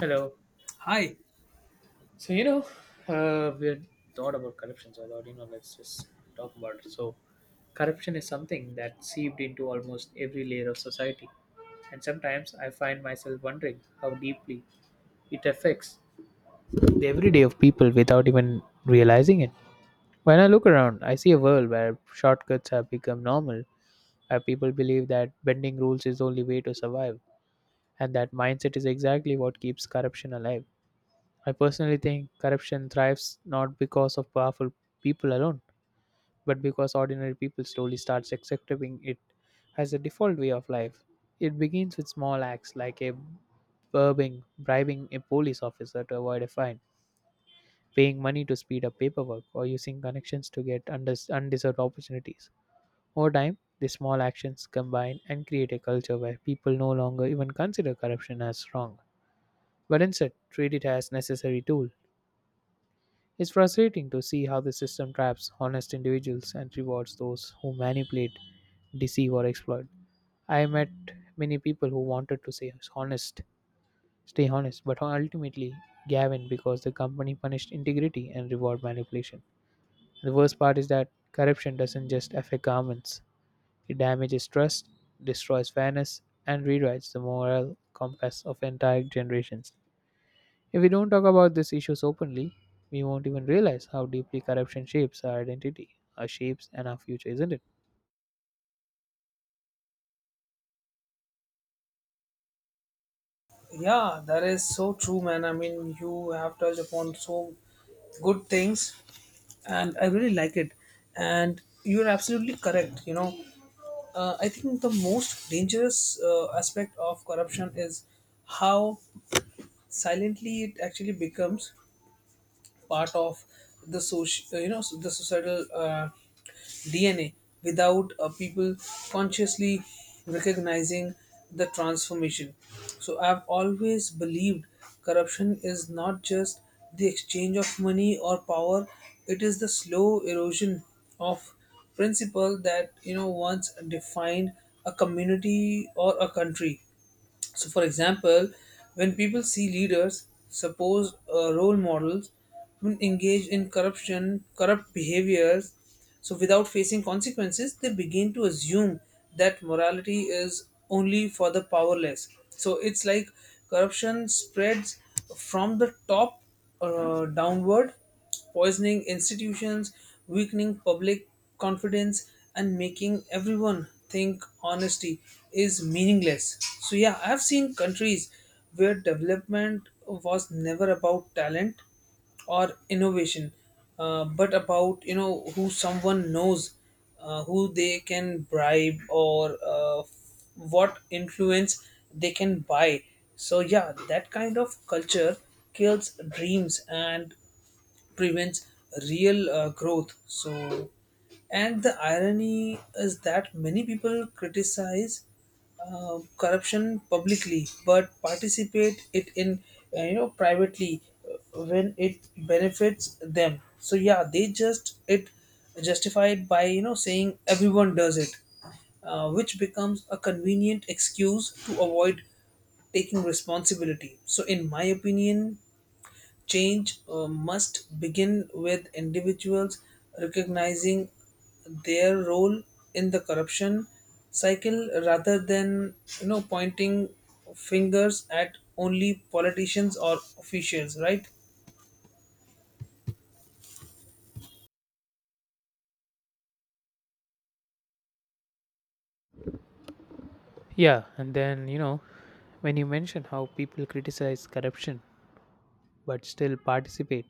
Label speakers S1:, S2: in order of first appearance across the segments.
S1: Hello.
S2: Hi.
S1: So you know, we had thought about corruption. So I thought, let's just talk about it. So corruption is something that seeped into almost every layer of society, and sometimes I find myself wondering how deeply it affects the everyday of people without even realizing it. When I look around, I see a world where shortcuts have become normal, where people believe that bending rules is the only way to survive, and that mindset is exactly what keeps corruption alive. I personally think corruption thrives not because of powerful people alone, but because ordinary people slowly starts accepting it as a default way of life. It begins with small acts like bribing a police officer to avoid a fine, paying money to speed up paperwork, or using connections to get undeserved opportunities. Over time, these small actions combine and create a culture where people no longer even consider corruption as wrong, but instead treat it as necessary tool. It's frustrating to see how the system traps honest individuals and rewards those who manipulate, deceive, or exploit. I met many people who wanted to say honest, stay honest, but ultimately Gavin because the company punished integrity and reward manipulation. The worst part is that corruption doesn't just affect governments; it damages trust, destroys fairness, and rewrites the moral compass of entire generations. If we don't talk about these issues openly, we won't even realize how deeply corruption shapes our identity, our shapes, and our future, isn't it?
S2: Yeah, that is so true, man. I mean, you have touched upon so good things, and I really like it. And you're absolutely correct. I think the most dangerous aspect of corruption is how silently it actually becomes part of the social, the societal DNA without people consciously recognizing the transformation. So I've always believed corruption is not just the exchange of money or power; it is the slow erosion of principle that once defined a community or a country. So, for example, when people see leaders, suppose role models, who engage in corrupt behaviors, so without facing consequences, they begin to assume that morality is only for the powerless. So it's like corruption spreads from the top downward, poisoning institutions, weakening public confidence, and making everyone think honesty is meaningless. So, yeah, I've seen countries where development was never about talent or innovation, but about who someone knows, who they can bribe, or what influence they can buy. So yeah, that kind of culture kills dreams and prevents real growth. So, and the irony is that many people criticize corruption publicly but participate it in privately when it benefits them. So yeah, they just it justify it by saying everyone does it, which becomes a convenient excuse to avoid taking responsibility. So in my opinion, change must begin with individuals recognizing their role in the corruption cycle rather than pointing fingers at only politicians or officials, right?
S1: Yeah, and then, when you mention how people criticize corruption but still participate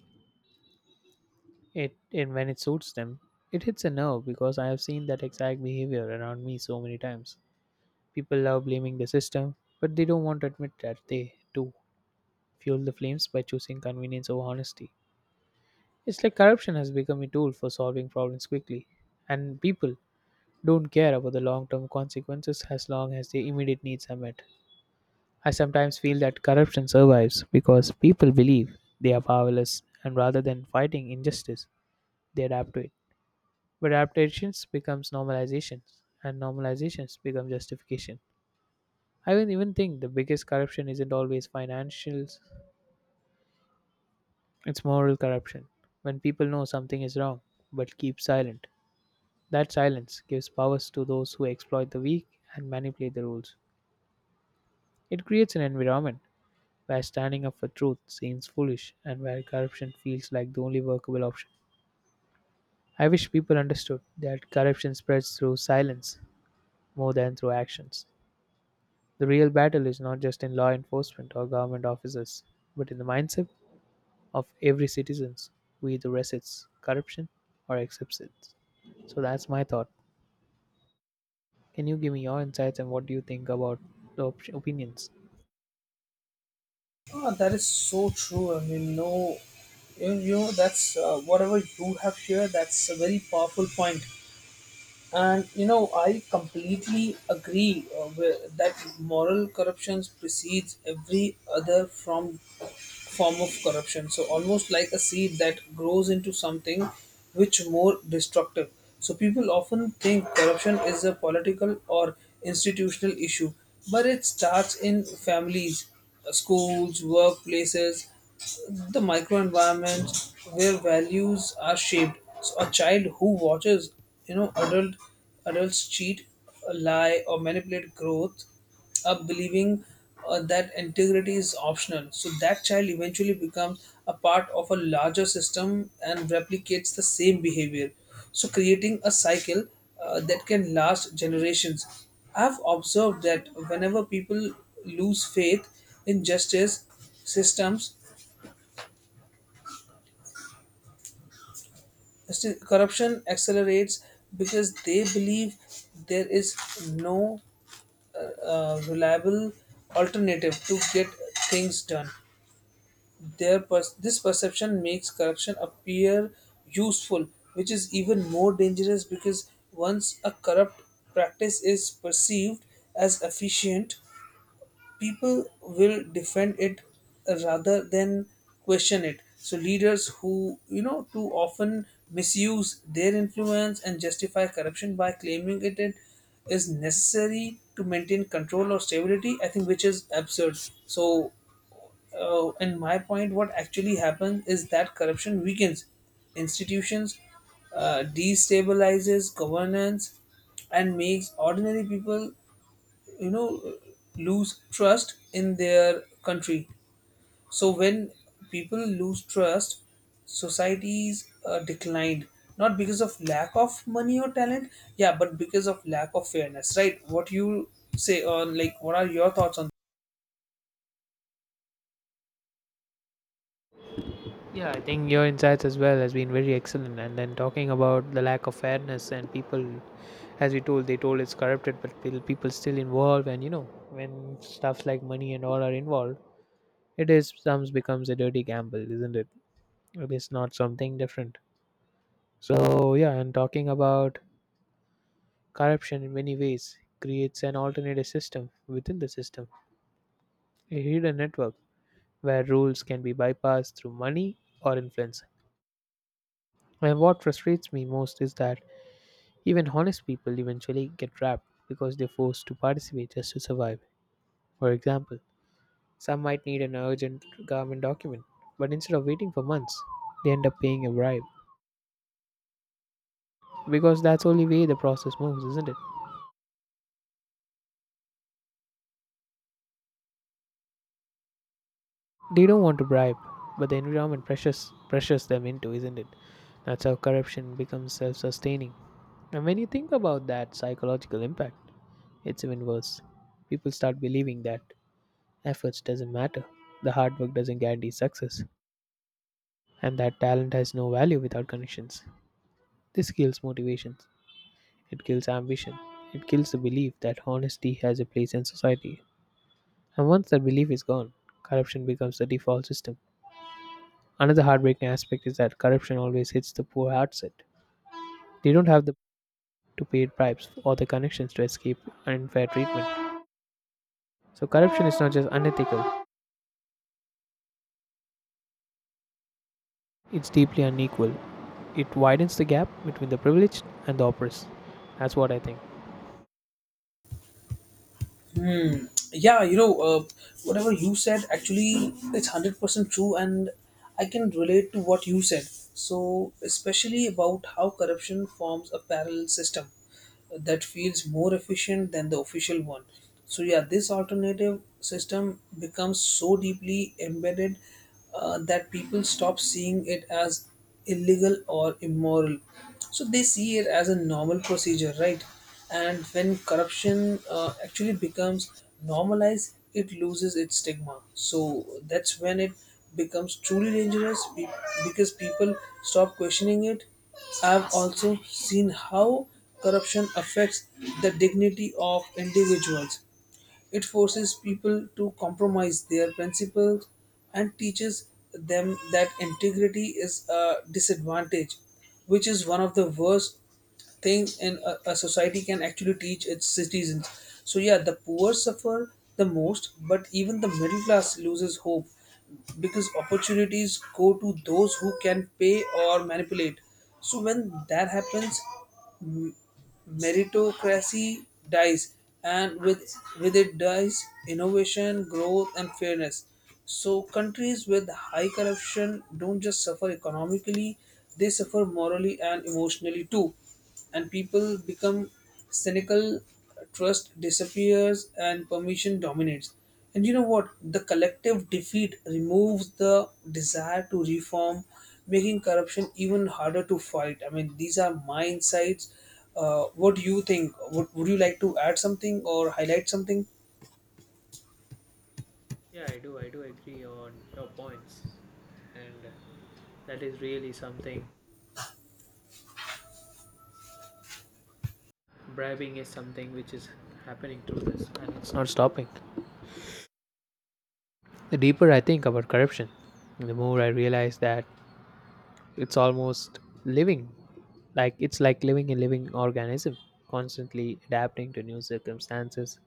S1: it in when it suits them, it hits a nerve because I have seen that exact behavior around me so many times. People love blaming the system, but they don't want to admit that they, too, fuel the flames by choosing convenience over honesty. It's like corruption has become a tool for solving problems quickly, and people don't care about the long term consequences as long as the immediate needs are met. I sometimes feel that corruption survives because people believe they are powerless and rather than fighting injustice, they adapt to it. But adaptations becomes normalization and normalizations become justification. I would even think the biggest corruption isn't always financial, it's moral corruption. When people know something is wrong but keep silent, that silence gives powers to those who exploit the weak and manipulate the rules. It creates an environment where standing up for truth seems foolish and where corruption feels like the only workable option. I wish people understood that corruption spreads through silence more than through actions. The real battle is not just in law enforcement or government officers, but in the mindset of every citizen who either resists corruption or accepts it. So that's my thought. Can you give me your insights and what do you think about the opinions?
S2: Ah, that is so true. I mean, no, that's whatever you have shared, that's a very powerful point. And, I completely agree with, that moral corruption precedes every other form of corruption. So almost like a seed that grows into something which more destructive. So people often think corruption is a political or institutional issue, but it starts in families, schools, workplaces, the microenvironment where values are shaped. So a child who watches, you know, adult adults cheat, lie, or manipulate growth up believing that integrity is optional. So that child eventually becomes a part of a larger system and replicates the same behavior, so creating a cycle that can last generations. I've observed that whenever people lose faith in justice systems, corruption accelerates because they believe there is no reliable alternative to get things done. This perception makes corruption appear useful, which is even more dangerous because once a corrupt practice is perceived as efficient, people will defend it rather than question it. So leaders who too often misuse their influence and justify corruption by claiming it is necessary to maintain control or stability, I think, which is absurd. So and my point, what actually happens is that corruption weakens institutions, destabilizes governance, and makes ordinary people, you know, lose trust in their country. So when people lose trust, societies declined not because of lack of money or talent, yeah, but because of lack of fairness, right? What you say on, like, what are your thoughts on?
S1: Yeah, I think your insights as well has been very excellent. And then talking about the lack of fairness and people, as we told, they told it's corrupted, but still people still involved. And you know, when stuff like money and all are involved, it is sometimes becomes a dirty gamble, isn't it? It is not something different. So yeah, and talking about corruption in many ways creates an alternative system within the system, a hidden network where rules can be bypassed through money or influence. And what frustrates me most is that even honest people eventually get trapped because they're forced to participate just to survive. For example, some might need an urgent government document, but instead of waiting for months, they end up paying a bribe because that's the only way the process moves, isn't it? They don't want to bribe, but the environment pressures them into, isn't it? That's how corruption becomes self-sustaining. And when you think about that psychological impact, it's even worse. People start believing that efforts doesn't matter. The hard work doesn't guarantee success, and that talent has no value without connections. This kills motivation, it kills ambition, it kills the belief that honesty has a place in society. And once that belief is gone, corruption becomes the default system. Another heartbreaking aspect is that corruption always hits the poor hard set. They don't have the to pay bribes or the connections to escape unfair treatment. So corruption is not just unethical, it's deeply unequal. It widens the gap between the privileged and the oppressed. That's what I think.
S2: Yeah, whatever you said, actually it's 100% true, and I can relate to what you said, so especially about how corruption forms a parallel system that feels more efficient than the official one. So yeah, this alternative system becomes so deeply embedded that people stop seeing it as illegal or immoral, so they see it as a normal procedure, right? And when corruption actually becomes normalized, it loses its stigma. So that's when it becomes truly dangerous because people stop questioning it. I've also seen how corruption affects the dignity of individuals. It forces people to compromise their principles and teaches them that integrity is a disadvantage, which is one of the worst things in a society can actually teach its citizens. So yeah, the poor suffer the most, but even the middle class loses hope because opportunities go to those who can pay or manipulate. So when that happens, meritocracy dies, and with it dies innovation, growth, and fairness. So countries with high corruption don't just suffer economically, they suffer morally and emotionally too, and people become cynical, trust disappears, and permission dominates. And you know what? The collective defeat removes the desire to reform, making corruption even harder to fight. I mean, these are my insights. What do you think? Would you like to add something or highlight something?
S1: Yeah, I do agree on your points, and that is really something. Bribing is something which is happening through this, and it's not stopping. The deeper I think about corruption, the more I realize that it's almost living. Like it's like living a living organism, constantly adapting to new circumstances,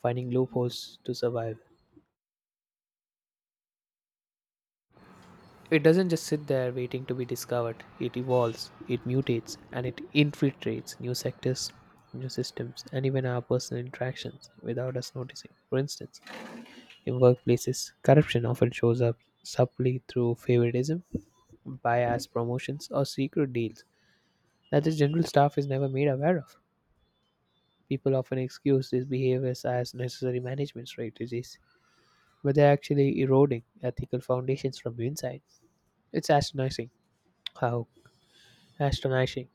S1: finding loopholes to survive. It doesn't just sit there waiting to be discovered. It evolves, it mutates, and it infiltrates new sectors, new systems, and even our personal interactions without us noticing. For instance, in workplaces, corruption often shows up subtly through favoritism, bias promotions, or secret deals that the general staff is never made aware of. People often excuse these behaviors as necessary management strategies, but they're actually eroding ethical foundations from the inside. It's astonishing how Astonishing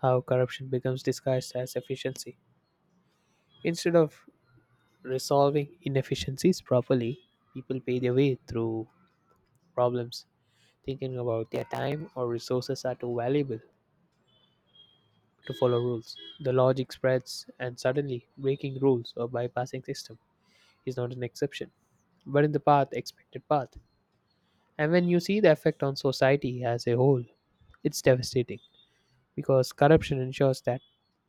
S1: how corruption becomes disguised as efficiency. Instead of resolving inefficiencies properly, people pay their way through problems, thinking about their time or resources are too valuable to follow rules. The logic spreads, and suddenly breaking rules or bypassing system is not an exception, but in the path expected path. And when you see the effect on society as a whole, it's devastating because corruption ensures that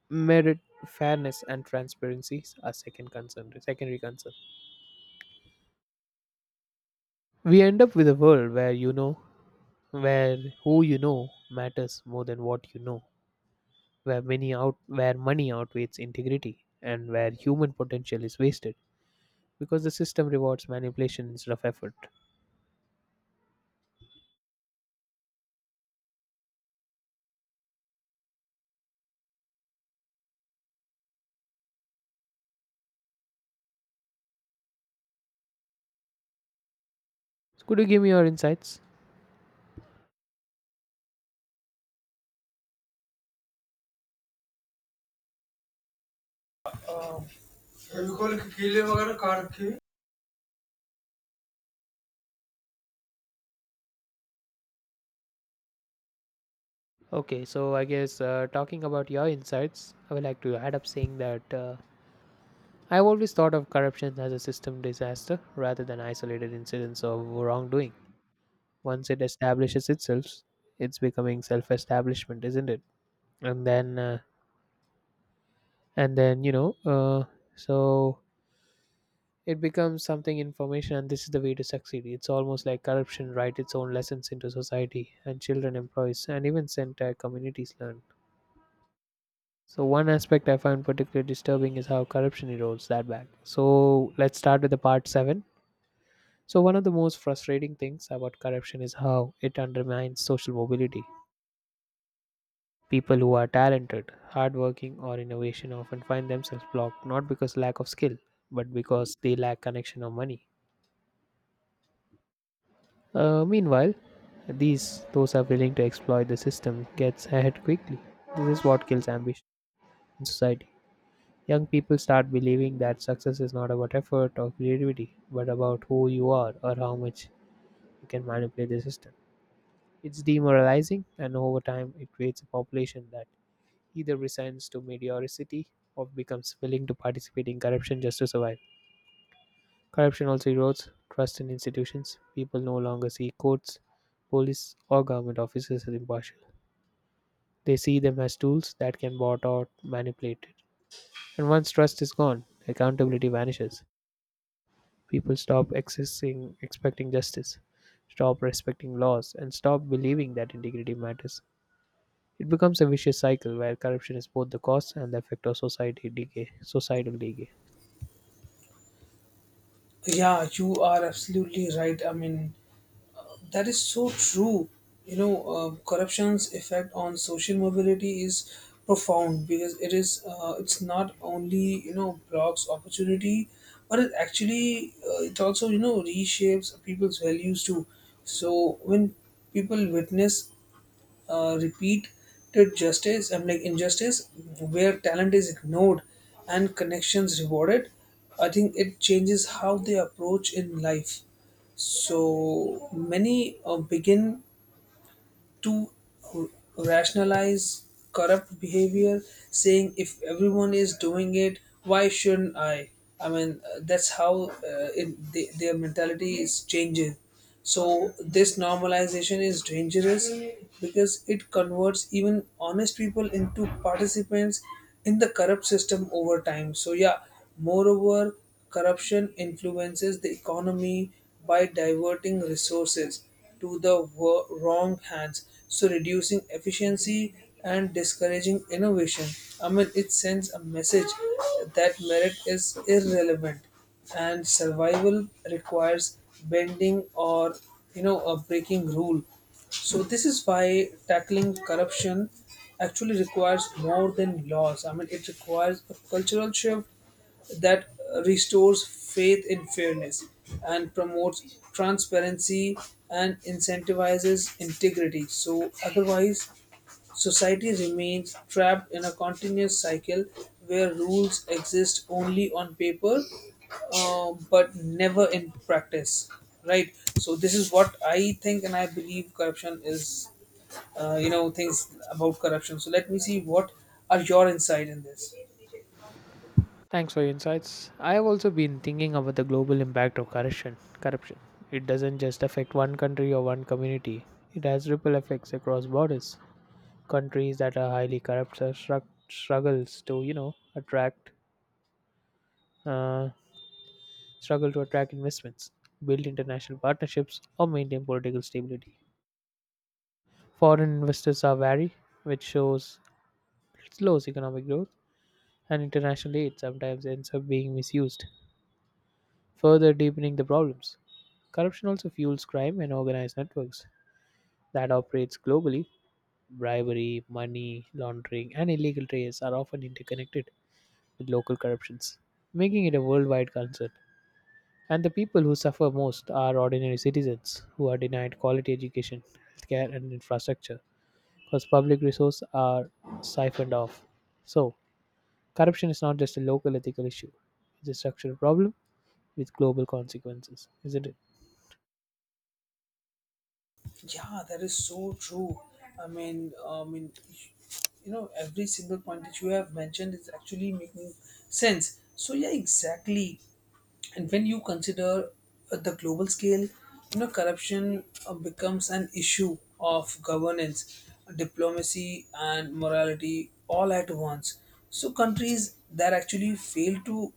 S1: merit, fairness, and transparency are secondary concern. We end up with a world where where who you know matters more than what you know, where where money outweighs integrity, and where human potential is wasted because the system rewards manipulation instead of effort. So, could you give me your insights?
S2: Fevicol के कीले वगैरह कहाँ रखे हैं.
S1: Okay, so I guess talking about your insights, I would like to add up saying that I've always thought of corruption as a system disaster rather than isolated incidents of wrongdoing. Once it establishes itself, it's becoming self-establishment, isn't it? And then, uh, and then you know, so it becomes something information, and this is the way to succeed. It's almost like corruption write its own lessons into society, and children, employees, and even entire communities learn. So one aspect I find particularly disturbing is how corruption erodes that back. So let's start with the part seven. So one of the most frustrating things about corruption is how it undermines social mobility. People who are talented, hardworking, or innovation often find themselves blocked not because lack of skill, but because they lack connection or money. Meanwhile, these those are willing to exploit the system gets ahead quickly. This is what kills ambition in society. Young people start believing that success is not about effort or creativity, but about who you are or how much you can manipulate the system. It's demoralizing, and over time, it creates a population that either resigns to mediocrity or becomes willing to participate in corruption just to survive. Corruption also erodes trust in institutions. People no longer see courts, police, or government officers as impartial. They see them as tools that can bought or manipulated. And once trust is gone, accountability vanishes. People stop accessing, expecting justice, stop respecting laws, and stop believing that integrity matters. It becomes a vicious cycle where corruption is both the cause and the effect of societal decay.
S2: Yeah, you are absolutely right. I mean, that is so true. Corruption's effect on social mobility is profound because it's not only blocks opportunity, but it actually it also reshapes people's values too. So when people witness repeated justice I'm like injustice, where talent is ignored and connections rewarded, I think it changes how they approach in life. So many begin to r- rationalize corrupt behavior, saying if everyone is doing it, why shouldn't I? I mean, that's how their mentality is changing. So this normalization is dangerous because it converts even honest people into participants in the corrupt system over time. So yeah, moreover, corruption influences the economy by diverting resources to the wrong hands, so reducing efficiency and discouraging innovation. I mean, it sends a message that merit is irrelevant and survival requires bending or a breaking rule. So this is why tackling corruption actually requires more than laws. I mean, it requires a cultural shift that restores faith in fairness and promotes transparency and incentivizes integrity. So, otherwise, society remains trapped in a continuous cycle where rules exist only on paper, but never in practice. Right? So, this is what I think, and I believe corruption is, things about corruption. So, let me see what are your insight in this.
S1: Thanks for your insights. I have also been thinking about the global impact of corruption. Corruption. It doesn't just affect one country or one community. It has ripple effects across borders. Countries that are highly corrupt are uh, struggle to attract investments, build international partnerships, or maintain political stability. Foreign investors are wary, which shows slows economic growth, and international aid sometimes ends up being misused further deepening the problems. Corruption also fuels crime and organized networks that operates globally. Bribery, money laundering, and illegal trades are often interconnected with local corruptions, making it a worldwide concern. And the people who suffer most are ordinary citizens who are denied quality education, healthcare, and infrastructure because public resources are siphoned off. So, corruption is not just a local ethical issue, it's a structural problem with global consequences, isn't it?
S2: Yeah, that is so true. I mean, every single point that you have mentioned is actually making sense. So yeah, exactly, and when you consider the global scale, corruption becomes an issue of governance, diplomacy, and morality all at once. So countries that actually fail to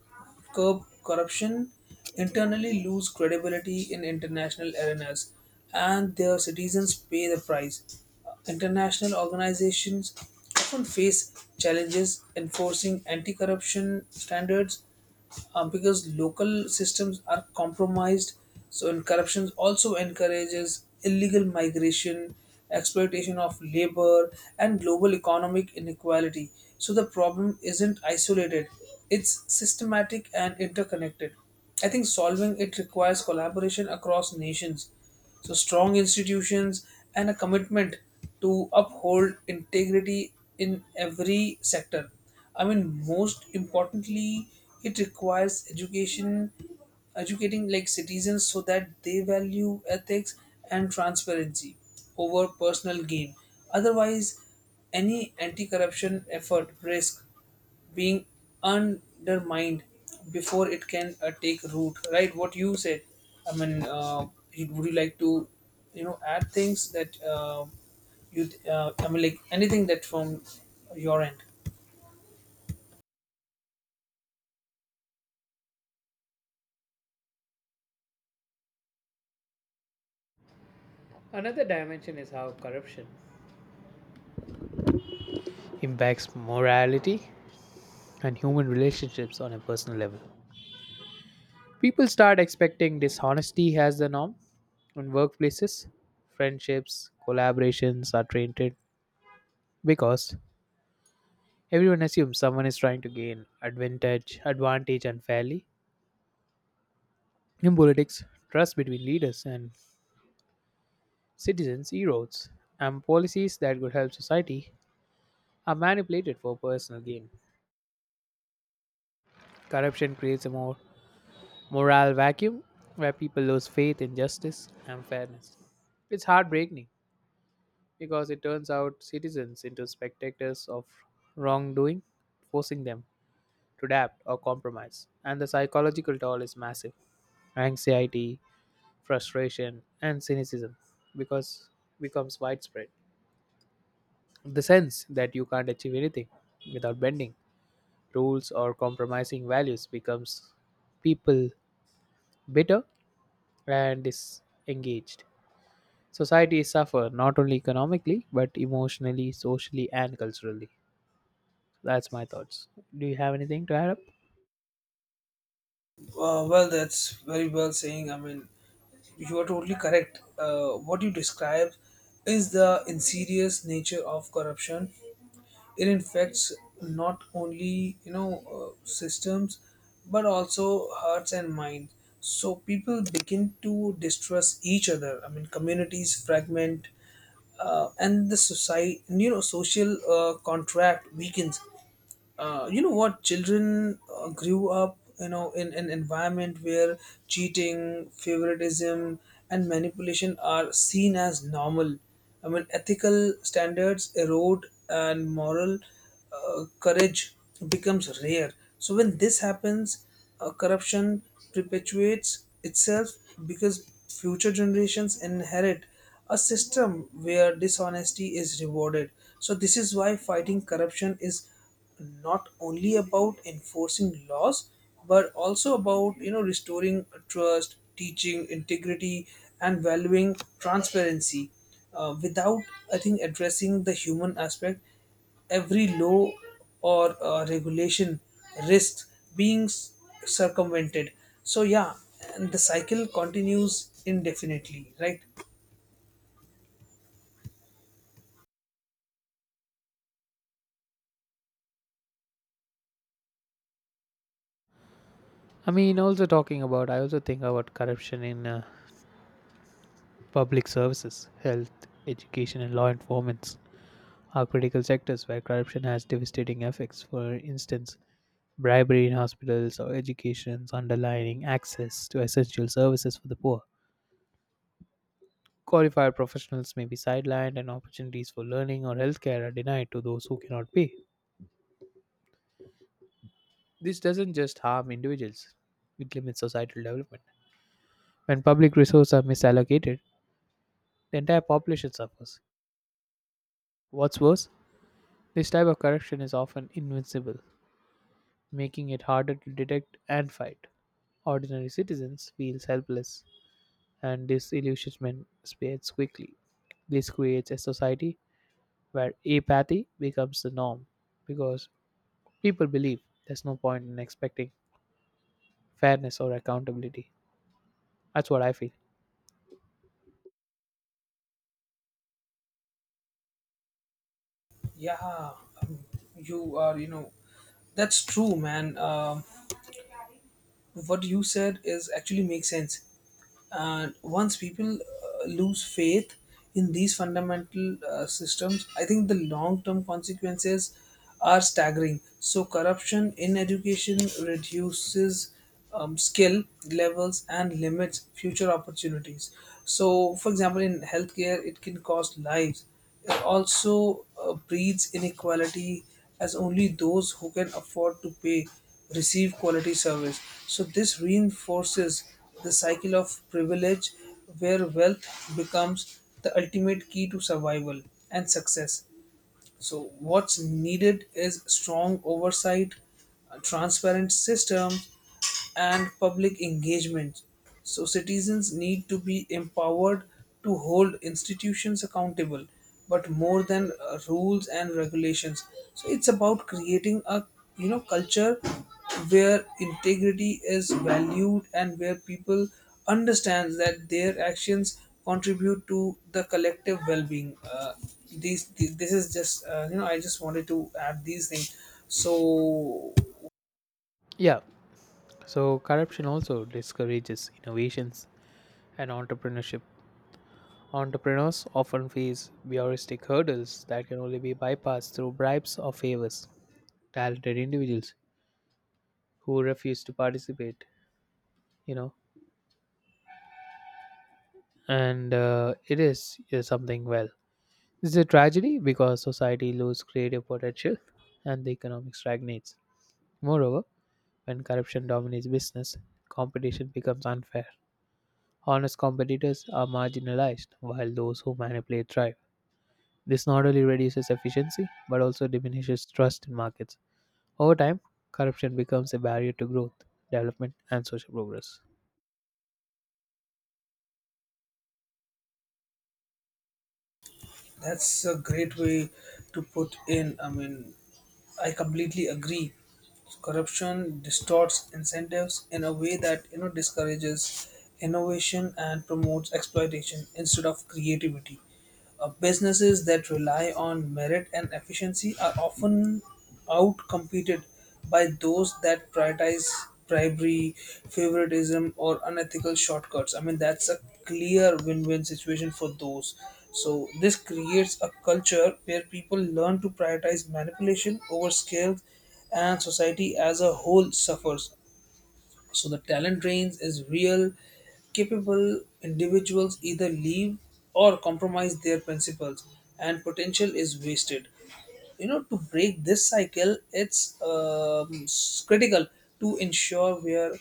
S2: curb corruption internally lose credibility in international arenas, and their citizens pay the price. International organizations often face challenges enforcing anti corruption standards because local systems are compromised. So, and corruption also encourages illegal migration, exploitation of labor, and global economic inequality. So, the problem isn't isolated, it's systematic and interconnected. I think solving it requires collaboration across nations, so strong institutions and a commitment to uphold integrity in every sector. I mean, most importantly, it requires education, educating like citizens so that they value ethics and transparency over personal gain. Otherwise, any anti-corruption effort risk being undermined before it can take root, right? What you said, I mean, would you like to add things that you I mean, like, anything that from your end?
S1: Another dimension is how corruption impacts morality and human relationships on a personal level. People start expecting dishonesty as the norm in workplaces. Friendships, collaborations are tainted because everyone assumes someone is trying to gain advantage unfairly. In politics, trust between leaders and citizens erodes, and policies that could help society are manipulated for personal gain. Corruption creates a more moral vacuum where people lose faith in justice and fairness. It's heartbreaking because it turns out citizens into spectators of wrongdoing, forcing them to adapt or compromise. And the psychological toll is massive. Anxiety, frustration, and cynicism because becomes widespread. The sense that you can't achieve anything without bending rules or compromising values becomes people bitter and disengaged. Societies suffer not only economically, but emotionally, socially, and culturally. That's my thoughts. Do you have anything to add up?
S2: Well, that's very well saying. I mean, you are totally correct. What you describe is the insidious nature of corruption. It infects not only systems, but also hearts and minds. So people begin to distrust each other. I mean, communities fragment, and the society, social contract weakens. What children grew up in an environment where cheating, favoritism, and manipulation are seen as normal. I mean, ethical standards erode and moral courage becomes rare. So when this happens, corruption perpetuates itself because future generations inherit a system where dishonesty is rewarded. So this is why fighting corruption is not only about enforcing laws but also about restoring trust, teaching integrity, and valuing transparency. Without, I think, addressing the human aspect, every law or regulation risks being circumvented. So yeah, and the cycle continues indefinitely, right?
S1: I mean, also talking about, I also think about corruption in public services, health, education, and law enforcement are critical sectors where corruption has devastating effects. For instance, bribery in hospitals or educations underlining access to essential services for the poor. Qualified professionals may be sidelined, and opportunities for learning or healthcare are denied to those who cannot pay. This doesn't just harm individuals, it limits societal development. When public resources are misallocated, the entire population suffers. What's worse, this type of corruption is often invincible, making it harder to detect and fight. Ordinary citizens feel helpless, and disillusionment spreads quickly. This creates a society where apathy becomes the norm because people believe there's no point in expecting fairness or accountability. That's what I feel.
S2: Yeah. Um, you are you know that's true, man. What you said is actually makes sense. And once people lose faith in these fundamental systems, I think the long term consequences are staggering. So corruption in education reduces skill levels and limits future opportunities. So, for example, in healthcare it can cost lives. It also breeds inequality, as only those who can afford to pay receive quality service. So this reinforces the cycle of privilege where wealth becomes the ultimate key to survival and success. So, what's needed is strong oversight, a transparent systems, and public engagement. So, citizens need to be empowered to hold institutions accountable, but more than rules and regulations. So, it's about creating a culture where integrity is valued and where people understand that their actions contribute to the collective well-being. This is just I just wanted to add these things, so.
S1: Yeah, so, corruption also discourages innovations and entrepreneurship. Entrepreneurs often face bureaucratic hurdles that can only be bypassed through bribes or favors. Talented individuals who refuse to participate, you know, and it is something well, it's a tragedy because society loses creative potential and the economic stagnates. Moreover, when corruption dominates business, competition becomes unfair. Honest competitors are marginalized while those who manipulate thrive. This not only reduces efficiency but also diminishes trust in markets. Over time, corruption becomes a barrier to growth, development, and social progress.
S2: That's a great way to put in. I mean, I completely agree. Corruption distorts incentives in a way that discourages innovation and promotes exploitation instead of creativity. Businesses that rely on merit and efficiency are often outcompeted by those that prioritize bribery, favoritism, or unethical shortcuts. I mean, that's a clear win win situation for those. So, this creates a culture where people learn to prioritize manipulation over skills, and society as a whole suffers. So, the talent drains is real. Capable individuals either leave or compromise their principles, and potential is wasted. To break this cycle, it's critical to ensure where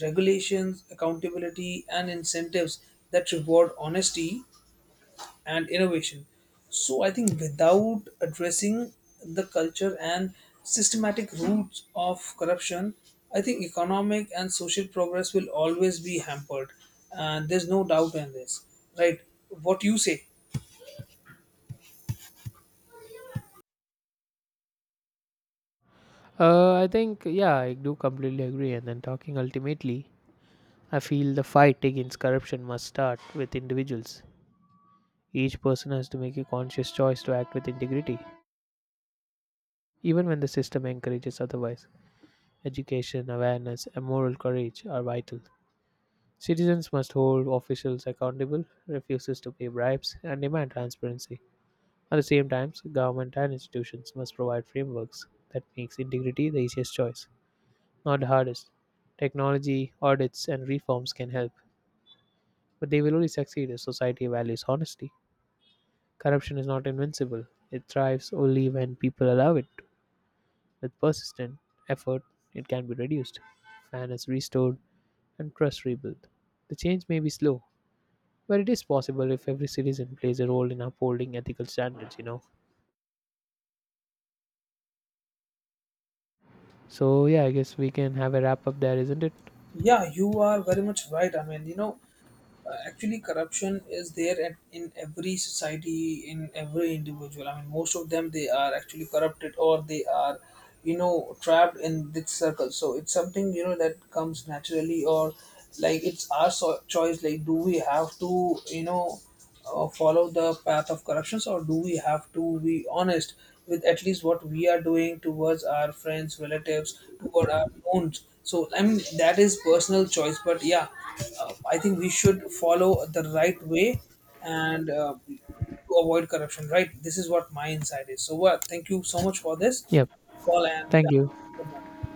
S2: regulations, accountability, and incentives that reward honesty and innovation. So I think without addressing the culture and systematic roots of corruption, I think economic and social progress will always be hampered, and there's no doubt in this. Right? What you say?
S1: I think, yeah, I do completely agree. And then talking ultimately, I feel the fight against corruption must start with individuals. Each person has to make a conscious choice to act with integrity, even when the system encourages otherwise. Education, awareness, and moral courage are vital. Citizens must hold officials accountable, refuse to pay bribes, and demand transparency. At the same time, so government and institutions must provide frameworks that makes integrity the easiest choice, not the hardest. Technology, audits, and reforms can help, but they will only succeed if society values honesty. Corruption is not invincible. It thrives only when people allow it. To. With persistent effort, it can be reduced, fairness restored, and trust rebuilt. The change may be slow, but it is possible if every citizen plays a role in upholding ethical standards, you know. So, yeah, I guess we can have a wrap up there, isn't it?
S2: Yeah, you are very much right. I mean, actually corruption is there in every society, in every individual. I mean, most of them, they are actually corrupted, or they are trapped in this circle. So it's something that comes naturally, or like it's our choice, like, do we have to follow the path of corruptions, or do we have to be honest with at least what we are doing towards our friends, relatives, toward our own? So I mean, that is personal choice, but yeah, I think we should follow the right way and to avoid corruption, right? This is what my insight is, so well, thank you so much for this
S1: Yep.
S2: call, and
S1: Thank
S2: yeah,
S1: you.
S2: good one.